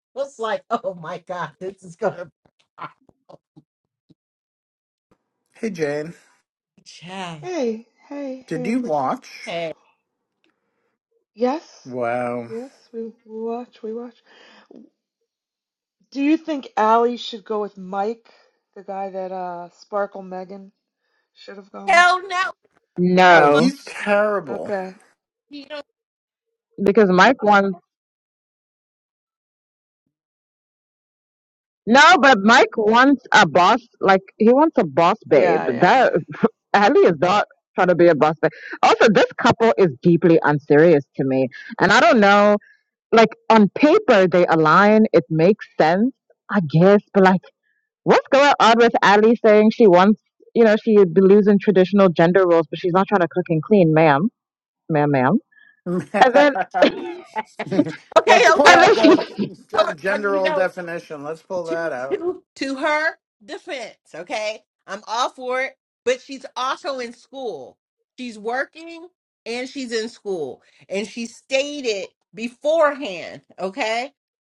B: I was like, oh my god, this is gonna.
A: hey Jane,
B: Child.
E: Hey, hey,
A: did
E: hey,
A: you
E: Empress.
A: watch?
B: Hey,
E: Yes,
A: Wow.
E: yes, we, we watch, we watch. Do you think Allie should go with Mike, the guy that uh Sparkle Megan should have gone with?
B: hell no!
A: Oh,
B: Enough
C: No,
A: he's terrible.
E: Okay.
B: money.
C: because Mike wants. No, but Mike wants a boss. Like he wants a boss babe.
E: Yeah,
C: That
E: yeah,
C: Ali is not trying to be a boss babe. Also, this couple is deeply unserious to me, and I don't know. Like on paper, they align. It makes sense, I guess. But like, what's going on with Ali saying she wants? You know, she believes in traditional gender roles, but she's not trying to cook and clean, ma'am, ma'am, ma'am. And then,
A: Let's
B: Okay,
A: pull
C: and
B: okay,
A: out
C: then
B: okay.
C: she.
A: the
B: Hold
A: gen-
B: on.
A: gender
B: You
A: role
B: know,
A: definition. Let's pull that
B: to
A: out.
B: to to her defense, okay, I'm all for it, but she's also in school. She's working and she's in school, and she stated beforehand, okay,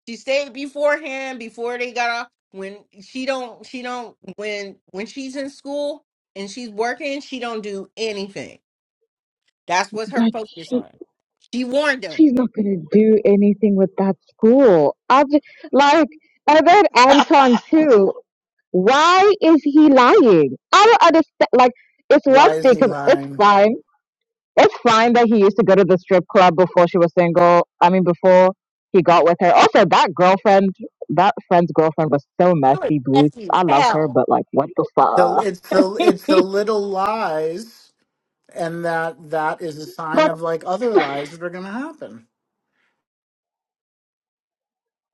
B: she stated beforehand before they got off when she don't she don't when when she's in school and she's working, she don't do anything. That's what her
C: but
B: focus on. She warned them.
C: she's not going to do anything with that school. I just, like, I read Anton
E: yeah.
C: too. Why is he lying? I don't understand. Like, it's one
A: Why is
C: thing
A: he
C: because it's
A: lying?
C: fine. It's fine that he used to go to the strip club before she was single. I mean, before he got with her. Also, that girlfriend, that friend's girlfriend was so
B: You a
C: messy, boo.
B: messy
C: I
B: as
C: love her,
B: hell.
C: but like, what the
A: The
C: fuck?
A: it's the it's the little lies, and that that is a sign of like other lies that are going to happen.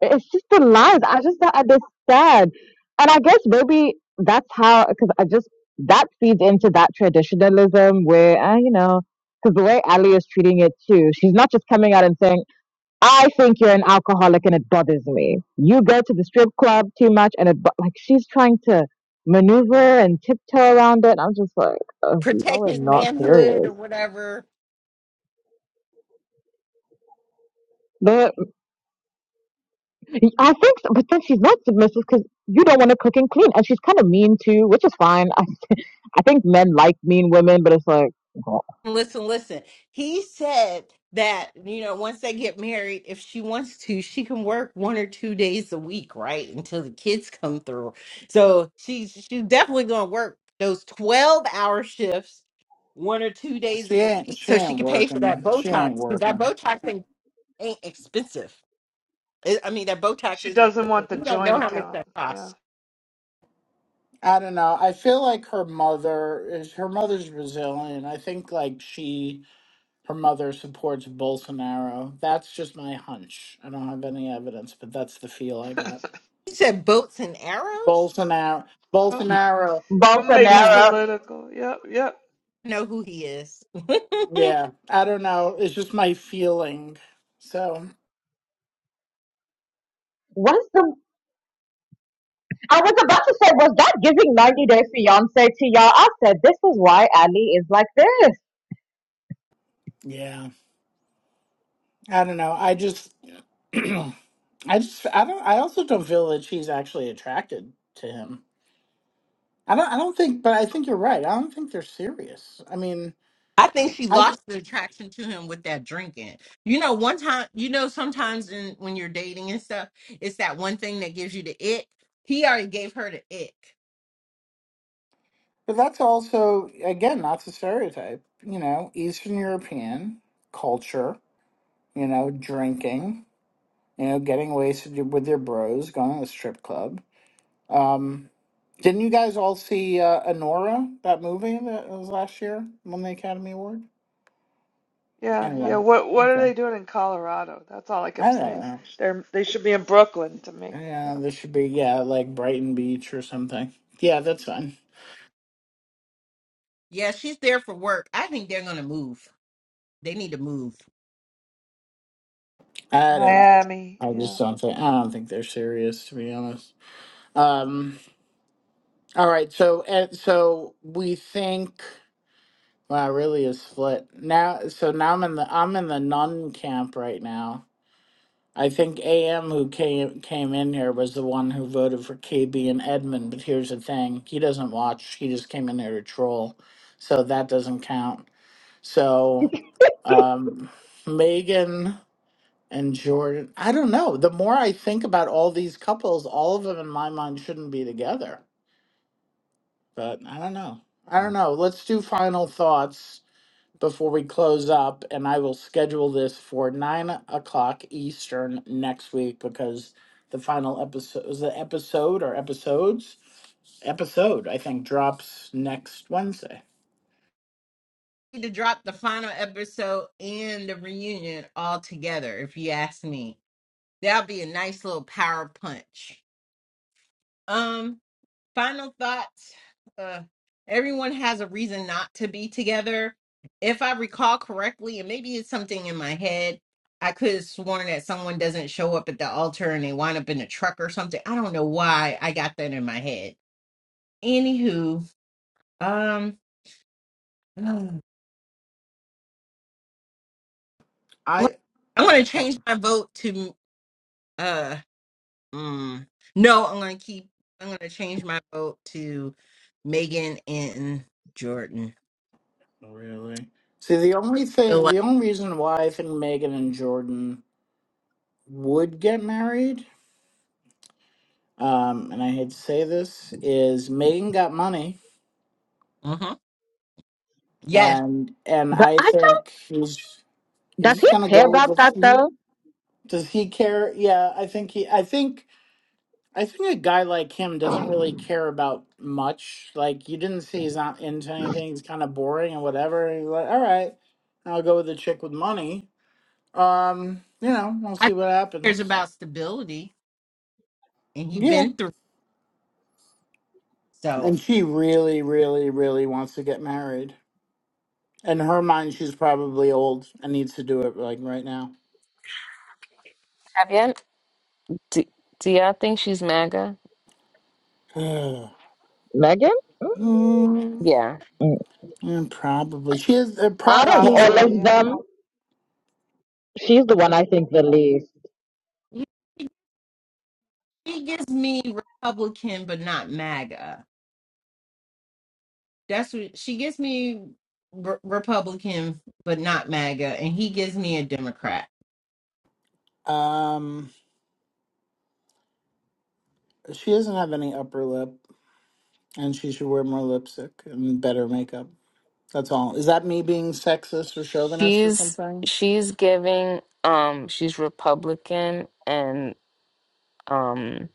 C: it's just the lies. I just don't understand. And I guess maybe that's how, because I just, that feeds into that traditionalism where, uh, you know, because the way Ali is treating it too, she's not just coming out and saying, I think you're an alcoholic and it bothers me. You go to the strip club too much and it, bo-. like, she's trying to maneuver and tiptoe around it. I'm just like, oh, y'all
B: protect
C: are
B: his
C: not
B: manhood
C: serious.
B: or whatever.
C: But I think, so, but then she's not submissive because you don't want to cook and clean. And she's kind of mean too, which is fine. I think men like mean women, but it's like
B: Listen, listen. He said that, you know, once they get married, if she wants to, she can work one or two days a week, right? Until the kids come through. So she's she's definitely gonna work those 12 hour shifts one or two days
A: She
B: of the
A: ain't
B: week
A: she
B: so she
A: ain't
B: can pay for that
A: working. She
B: Botox.
A: ain't
B: Because that
A: working.
B: Botox thing ain't expensive. It- I mean that Botox
E: she
B: is
E: doesn't
B: expensive.
E: want the
B: You don't
E: joint
B: know how much
E: account.
B: that
E: Yeah.
B: costs.
A: I don't know. I feel like her mother is her mother's Brazilian. I think like she her mother supports Bolsonaro. That's just my hunch. I don't have any evidence, but that's the feel I got.
B: He said boats and arrows?
A: Bolsonaro
E: Oh,
A: Bolsonaro
E: Go make it
C: Bolsonaro.
A: he's
E: political. Yep, yep.
B: Know who he is.
A: yeah, I don't know. It's just my feeling. So,
C: What's the? I was about to say, was that giving 90 Day Fiance to y'all? I said, this is why Ali is like this.
A: yeah. I don't know. I just I just I don't I also don't feel that she's actually attracted to him. I don't. I don't think, but I think you're right. I don't think they're serious. I mean,
B: I think she
A: I.
B: lost the attraction to him with that drinking. You know, one time, you know, sometimes in when you're dating and stuff, it's that one thing that gives you the ick. He already gave her the ick.
A: But that's also again not to stereotype. You know, Eastern European culture. You know, drinking. You know, getting wasted with your bros, going to the strip club. Um, didn't you guys all see uh, Anora that movie that was last year won the Academy Award?
E: Yeah, yeah.
A: Anyway,
E: What what are
A: okay.
E: they doing in Colorado? That's all I
A: I
E: kept
A: don't
E: saying.
A: know.
E: They're they should be in Brooklyn to me.
A: Yeah,
E: Yeah.
A: this should be yeah, like Brighton Beach or something. Yeah, that's fine.
B: Yeah, she's there for work. I think they're gonna move. They need to move.
A: I don't.
E: Miami.
A: I
E: Yeah.
A: just don't think. I don't think they're serious, to be honest. Um. All right. So and so we think. Wow, really is split now. So now I'm in the I'm in the nun camp right now. I think AM who came came in here was the one who voted for KB and Edmund. But here's the thing: he doesn't watch. He just came in here to troll, so that doesn't count. So, um, Megan. and Jordan. I don't know. The more I think about all these couples, all of them in my mind shouldn't be together. But I don't know. I don't
B: Mm.
A: know. Let's do final thoughts before we close up, and I will schedule this for nine o'clock Eastern next week because the final episode is the episode or episodes episode I think drops next Wednesday.
B: need to drop the final episode and the reunion all together, if you ask me. That'll be a nice little power punch. Um, final thoughts. Uh everyone has a reason not to be together. If I recall correctly, and maybe it's something in my head, I could have sworn that someone doesn't show up at the altar and they wind up in a truck or something. I don't know why I got that in my head. Anywho, um I
A: I
B: want to change my vote to uh Mm. No, I'm gonna keep. I'm gonna change my vote to Megan and Jordan.
A: really see the only
B: So
A: thing
B: like,
A: the only reason why I think Megan and Jordan would get married, um, and I hate to say this, is Megan got money,
B: hmm Yes,
A: and and
C: But
A: I
C: I don't.
A: think he's he's
C: Does he
A: just gonna
C: care
A: go with
C: about
A: what
C: that
A: he
C: though,
A: does. He care? Yeah, I think he. I think I think a guy like him doesn't really care about much. Like you didn't see, he's not into anything. He's kind of boring and whatever. And He's like, all right, I'll go with the chick with money. Um, you know, we'll
B: I
A: see
B: think
A: what
B: there's
A: happens.
B: about stability, and he's
A: Yeah,
B: been through.
A: and
B: So
A: she really, really, really wants to get married. In her mind, she's probably old and needs to do it like right now.
D: Have you? Do, do y'all think she's MAGA?
A: Ugh.
C: Megan? Mm.
A: Mm,
D: Yeah.
A: yeah, probably. She is. Uh, pro-
C: Out of
A: she is.
C: all
E: Probably.
C: of
E: Yeah.
C: them. She's the one I think the least.
B: she gives me Republican, but not MAGA. That's what she gives me re- Republican, but not MAGA, and he gives me a Democrat.
A: Um, she doesn't have any upper lip, and she should wear more lipstick and better makeup. That's all. Is that me being sexist or chauvinist or
D: She's
A: something?
D: she's giving um she's Republican and um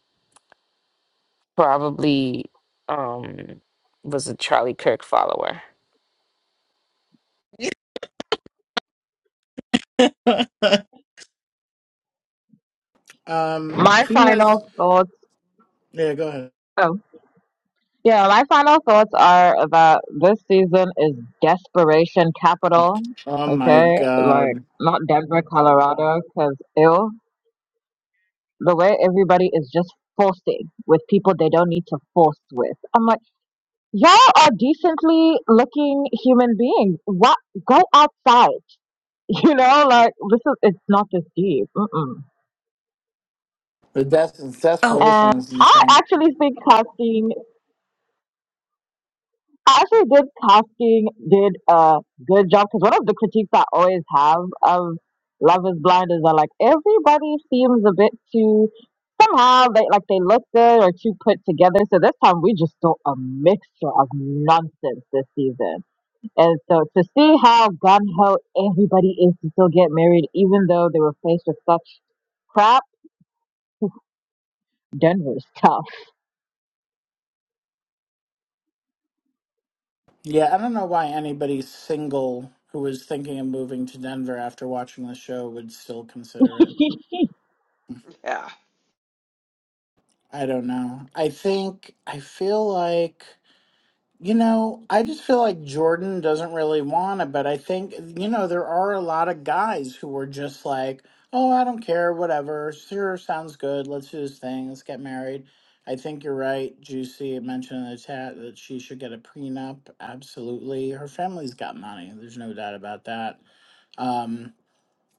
D: probably um was a Charlie Kirk follower.
A: Um,
C: My
A: she has.
C: final thoughts.
A: Yeah, go ahead.
C: Oh, yeah. My final thoughts are that this season is desperation capital.
A: Oh my
C: Okay, like
A: god,
C: not Denver, Colorado, because ill the way everybody is just forcing with people they don't need to force with. I'm like, y'all are decently looking human beings. What? Go outside. You know, like this is it's not this deep. Mm-mm.
A: the des-
B: oh,
A: desperation
C: And
A: is
C: I
A: insane.
C: actually think casting I actually did casting did a good job because one of the critiques I always have of Love is Blind is that like everybody seems a bit too somehow they like they look good or too put together. So this time we just saw a mixture of nonsense this season. And so to see how gun ho everybody is to still get married even though they were faced with such crap, Denver's tough.
A: Yeah, I don't know why anybody single who was thinking of moving to Denver after watching the show would still consider it.
E: Yeah.
A: I don't know. I think, I feel like, you know, I just feel like Jordan doesn't really want it, but I think, you know, there are a lot of guys who were just like, oh, I don't care, whatever. Sure, sounds good. Let's do this thing. Let's get married. I think you're right. Juicy mentioned in the chat that she should get a prenup. Absolutely. Her family's got money. There's no doubt about that Um,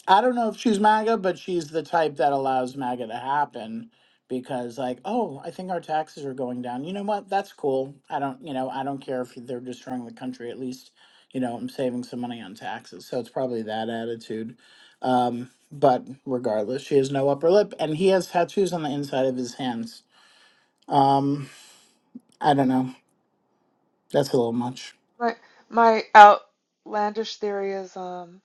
A: I don't know if she's MAGA, but she's the type that allows MAGA to happen because, like, oh, I think our taxes are going down. You know what? That's cool. I don't, you know, I don't care if they're destroying the country. At least, you know, I'm saving some money on taxes. So it's probably that attitude. Um, but regardless, she has no upper lip, and he has tattoos on the inside of his hands. Um, I don't know. That's a little much.
E: My my outlandish theory is um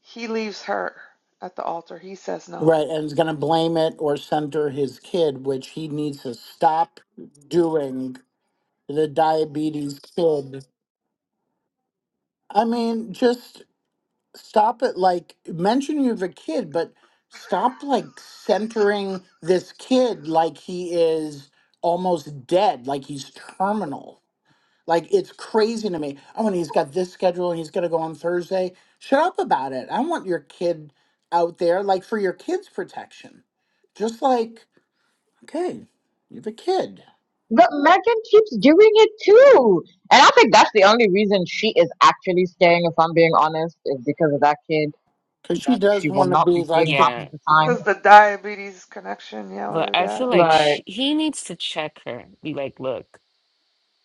E: he leaves her at the altar. He says no.
A: Right, and is going to blame it or center his kid, which he needs to stop doing the diabetes kid. I mean, just stop it. Like, mention you have a kid, but stop like centering this kid like he is almost dead, like he's terminal. Like, it's crazy to me. Oh, and he's got this schedule and he's going to go on Thursday. Shut up about it. I want your kid out there, like, for your kid's protection. Just like, okay, you have a kid.
C: But Megan keeps doing it too. And I think that's the only reason she is actually staying, if I'm being honest, is because of that kid
A: Because she
C: that she
A: does
C: will
A: want to be
C: not be seeing
A: like the
C: half
D: Yeah,
C: of the time.
E: Because the diabetes connection, yeah, with
D: but
E: her
D: I feel
E: dad,
D: like
C: Like,
D: she, he needs to check her. Be like, look,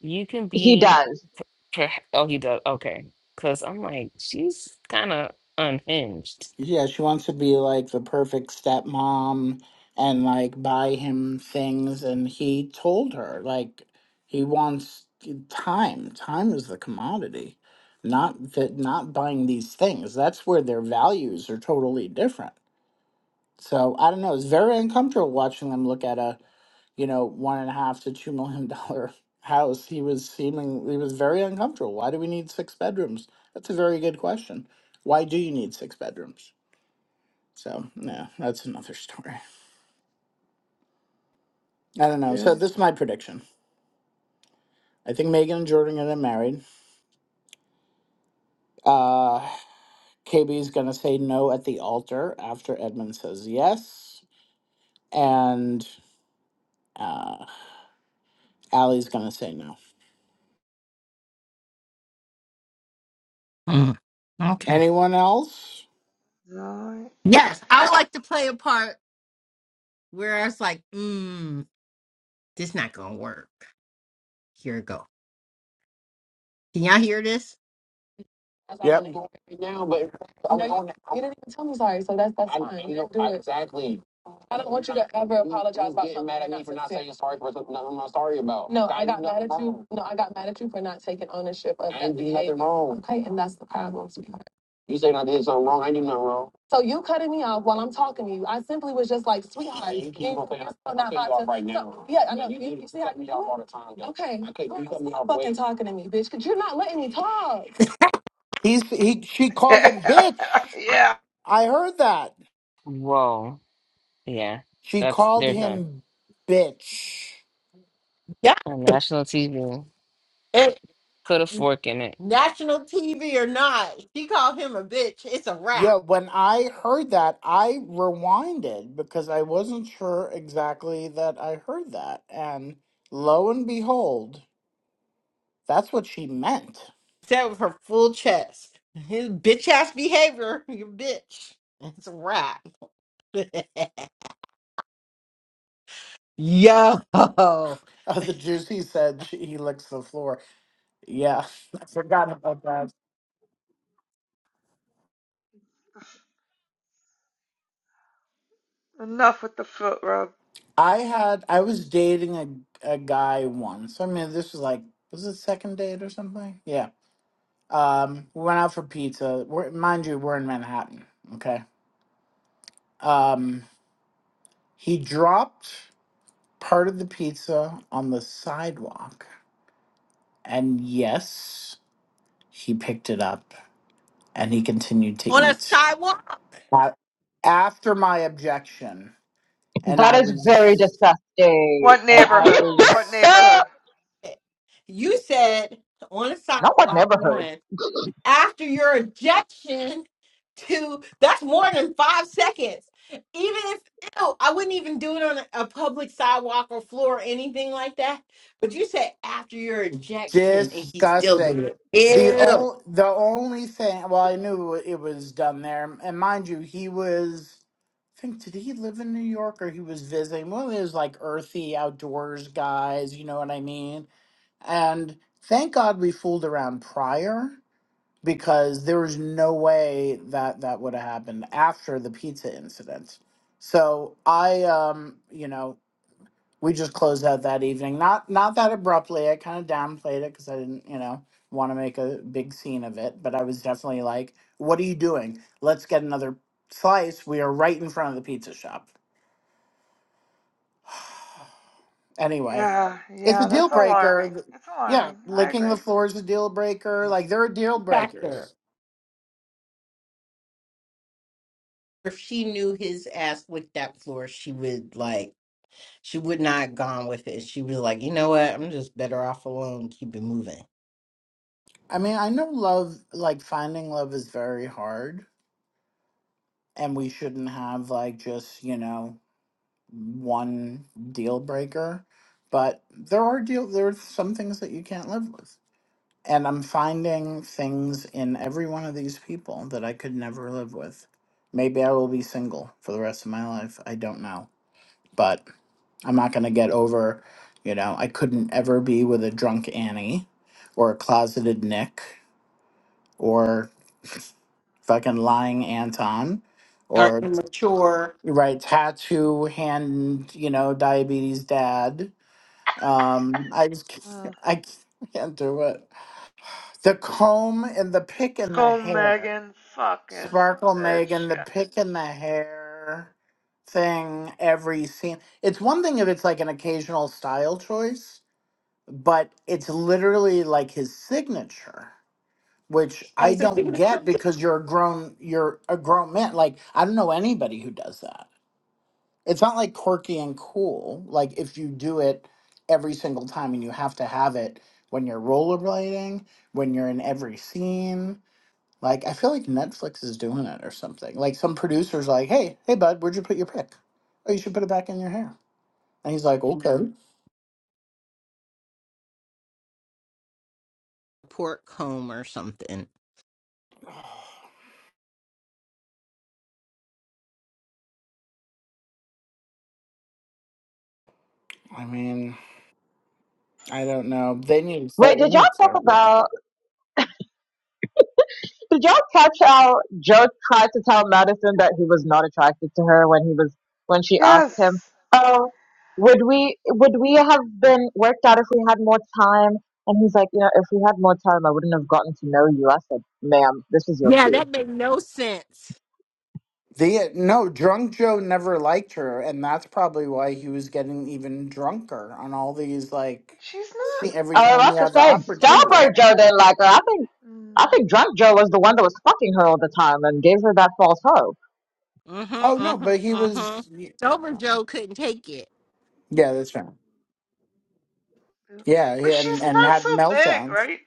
D: you can
C: he
D: be
C: does.
D: per oh he does okay. Cause I'm like, she's kind of unhinged.
A: Yeah, she wants to be like the perfect stepmom and like buy him things. And he told her, like, he wants time. Time is the commodity, not that, not buying these things. That's where their values are totally different. So I don't know. It's very uncomfortable watching them look at a, you know, one and a half to two million dollar house. He was seeming, he was very uncomfortable. Why do we need six bedrooms? That's a very good question. Why do you need six bedrooms? So, no, that's another story. I don't know. So,
E: Jim.
A: this is my prediction. I think Megan and Jordan are gonna get married. Uh, KB is going to say no at the altar after Edmund says yes. And uh, Allie's going to say no.
B: mm, okay.
A: Anyone else?
E: No.
B: Yes, I would like to play a part where I was like, mm, this not gonna work. Here we go. Can y'all hear this? That's why I'm
A: Yep.
B: only going right now, but I'm no, on it. You didn't even tell me sorry, so that's that's I- fine. You know, do I- it. Exactly. I don't want you to ever apologize about getting something. mad at me for not saying sorry for something I'm not sorry about. No, I, got mad at you. No, I got mad at you for not taking ownership of. I didn't do nothing wrong. Okay, and that's the problem. You saying I did something wrong? I didn't do nothing wrong. So you cutting me off while I'm talking to you. I simply was just like, sweetheart, yeah, you keep on cutting- you're so not cutting me off right now. no, yeah, I know. Yeah, You, you, you see how you cut me off all the time. Though. Okay, okay, you cut me off. Fucking way- talking to me, bitch, because you're not letting me talk.
A: He's he. She called him bitch.
E: yeah.
A: I heard that.
D: Whoa. Yeah,
A: She
D: that's
A: called
D: they're done.
A: him bitch.
B: Y'all
D: On national TV.
B: And
D: Put a fork in it.
B: national TV or not, she called him a bitch. It's a wrap.
A: Yeah, when I heard that, I rewinded because I wasn't sure exactly that I heard that. And lo and behold, that's what she meant.
B: That was her full chest. His bitch ass behavior, you bitch. It's a wrap. Yo, on
A: Uh, the juicy said she, he licks the floor. Yeah, I forgot about that.
E: Enough with the foot rub.
A: I had I was dating a a guy once. I mean, this was like was it second date or something? Yeah. Um, we went out for pizza. We're, mind you, we're in Manhattan. Okay. Um, he dropped. part of the pizza on the sidewalk. And yes, he picked it up and he continued to
B: a
A: eat.
B: sidewalk.
A: A- After my objection, and
C: That
A: I
C: is very
A: was
C: disgusting.
E: What
A: and I
E: neighborhood? What
A: was
E: neighborhood?
C: not
B: You said on a
C: what
B: sidewalk
C: never heard.
B: one. after your ejection to that's more than five seconds. Even if ew, I wouldn't even do it on a, a public sidewalk or floor or anything like that. But you said after your ejection and he still did
A: disgusting. The
B: it. Ew.
A: o- the only thing well, I knew it was done there. And mind you, he was I think did he live in New York or he was visiting? One of those like earthy outdoors guys, you know what I mean? And thank God we fooled around prior because there was no way that that would have happened after the pizza incident. So I, um, you know, we just closed out that evening. Not not that abruptly. I kind of downplayed it because I didn't, you know, want to make a big scene of it. But I was definitely like, "What are you doing? Let's get another slice. We are right in front of the pizza shop." Anyway,
E: Yeah,
A: it's a
E: yeah,
A: deal
E: that's
A: breaker.
E: alarming.
A: th-
E: It's
A: Yeah,
E: alarming. I
A: licking the
E: agree.
A: floor is a deal breaker. Like there are deal
B: Factor.
A: breakers.
B: If she knew his ass with that floor, she would like she would not have gone with it. She was like, you know what? I'm just better off alone, keep it moving.
A: I mean, I know love, like finding love is very hard, and we shouldn't have like just, you know, one deal breaker, but there are deal there are some things that you can't live with. And I'm finding things in every one of these people that I could never live with. Maybe I will be single for the rest of my life. I don't know. But I'm not going to get over, you know, I couldn't ever be with a drunk Annie or a closeted Nick or. fucking lying Anton,
B: Or
A: or
B: immature.
A: right tattoo hand, you know, diabetes dad. Um, I just can't-
E: Mm.
A: I can't do it. The comb and the pick in the
E: Go
A: hair,
E: Megan fucking
A: Sparkle
E: that
A: Megan, the
E: shit.
A: pick in the hair thing. Every scene. It's one thing if it's like an occasional style choice, but it's literally like his signature. which I
B: That's a
A: don't get
B: mature
A: because you're a grown you're a grown man. Like I don't know anybody who does that. It's not like quirky and cool. Like if you do it every single time and you have to have it when you're rollerblading, when you're in every scene. Like I feel like Netflix is doing it or something. Like some producers like, "Hey, hey bud, where'd you put your pick? Oh, you should put it back in your hair." And he's like, "Okay."
B: pork comb or something.
A: I mean, I don't know. They need to
C: Wait,
A: set
C: did y'all
A: limits.
C: talk
A: there.
C: about Did y'all catch how Joe tried to tell Madison that he was not attracted to her when he was when she asked him,
E: Yes.
C: "Oh, would we would we have been worked out if we had more time?" And he's like, "You know, if we had more time, I wouldn't have gotten to know you." I said, "Ma'am, this is your
B: Yeah,
C: cue."
B: that made no sense.
A: They no, drunk Joe never liked her, and that's probably why he was getting even drunker on all these like
E: But she's not.
A: see every
C: Oh, well,
A: time he
C: that's to
A: had the
C: say,
E: She's,
A: opportunity.
C: Starboy Joe didn't like her. I think I
E: mm.
C: think Drunk Joe was the one that was fucking her all the time and gave her that false hope.
B: Mm-hmm,
A: Oh no, but he
B: mm-hmm, mm-hmm.
A: was
B: Sober Joe couldn't take it.
A: yeah, that's right.
E: Yeah.
A: Yeah, he-
E: But she's
A: and and
E: not
A: had
E: so big,
A: meltdowns.
E: right?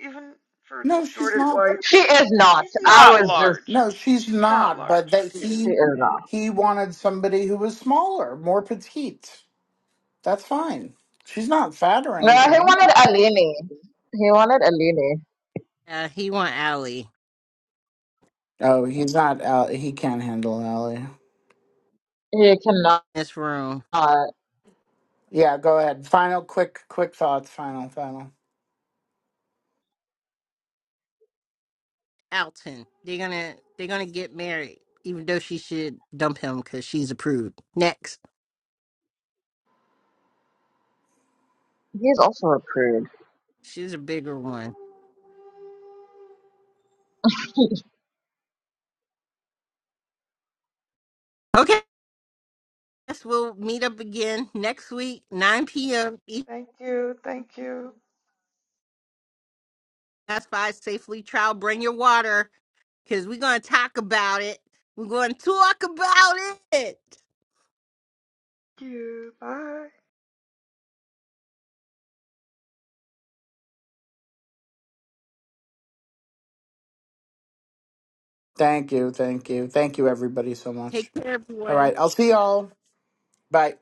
E: Even for
A: No, she's
E: distorted
A: not.
C: She
E: whites,
C: is not.
E: she's
C: I
E: not
C: was just
E: large.
A: No, she's
E: She's not
A: not. But
E: large.
A: that
C: She
A: he
C: is not.
A: he wanted somebody who was smaller, more petite. That's fine. She's not fat or
C: No, he
A: anything.
C: wanted Alini. He wanted Alini.
B: Uh, he want Allie
A: Oh, he's not. Al- he can't handle Ally.
C: He
B: in this room.
C: cannot.
A: Yeah, go ahead. Final, quick, quick thoughts. Final, final.
B: Alton. They're gonna they're gonna get married, even though she should dump him because she's approved. Next.
C: He's also a prude.
B: She's a bigger one. Okay. Guess we'll meet up again next week, 9 p.m. Each
E: Thank you. Thank you.
B: That's five safely trial. Bring your water because we're gonna talk about it. We're gonna talk about it.
E: Thank you. Bye.
A: Thank you, thank you, thank you, everybody, so
B: Take
A: much.
B: care,
A: All
B: everyone.
A: right, I'll see y'all. Bye.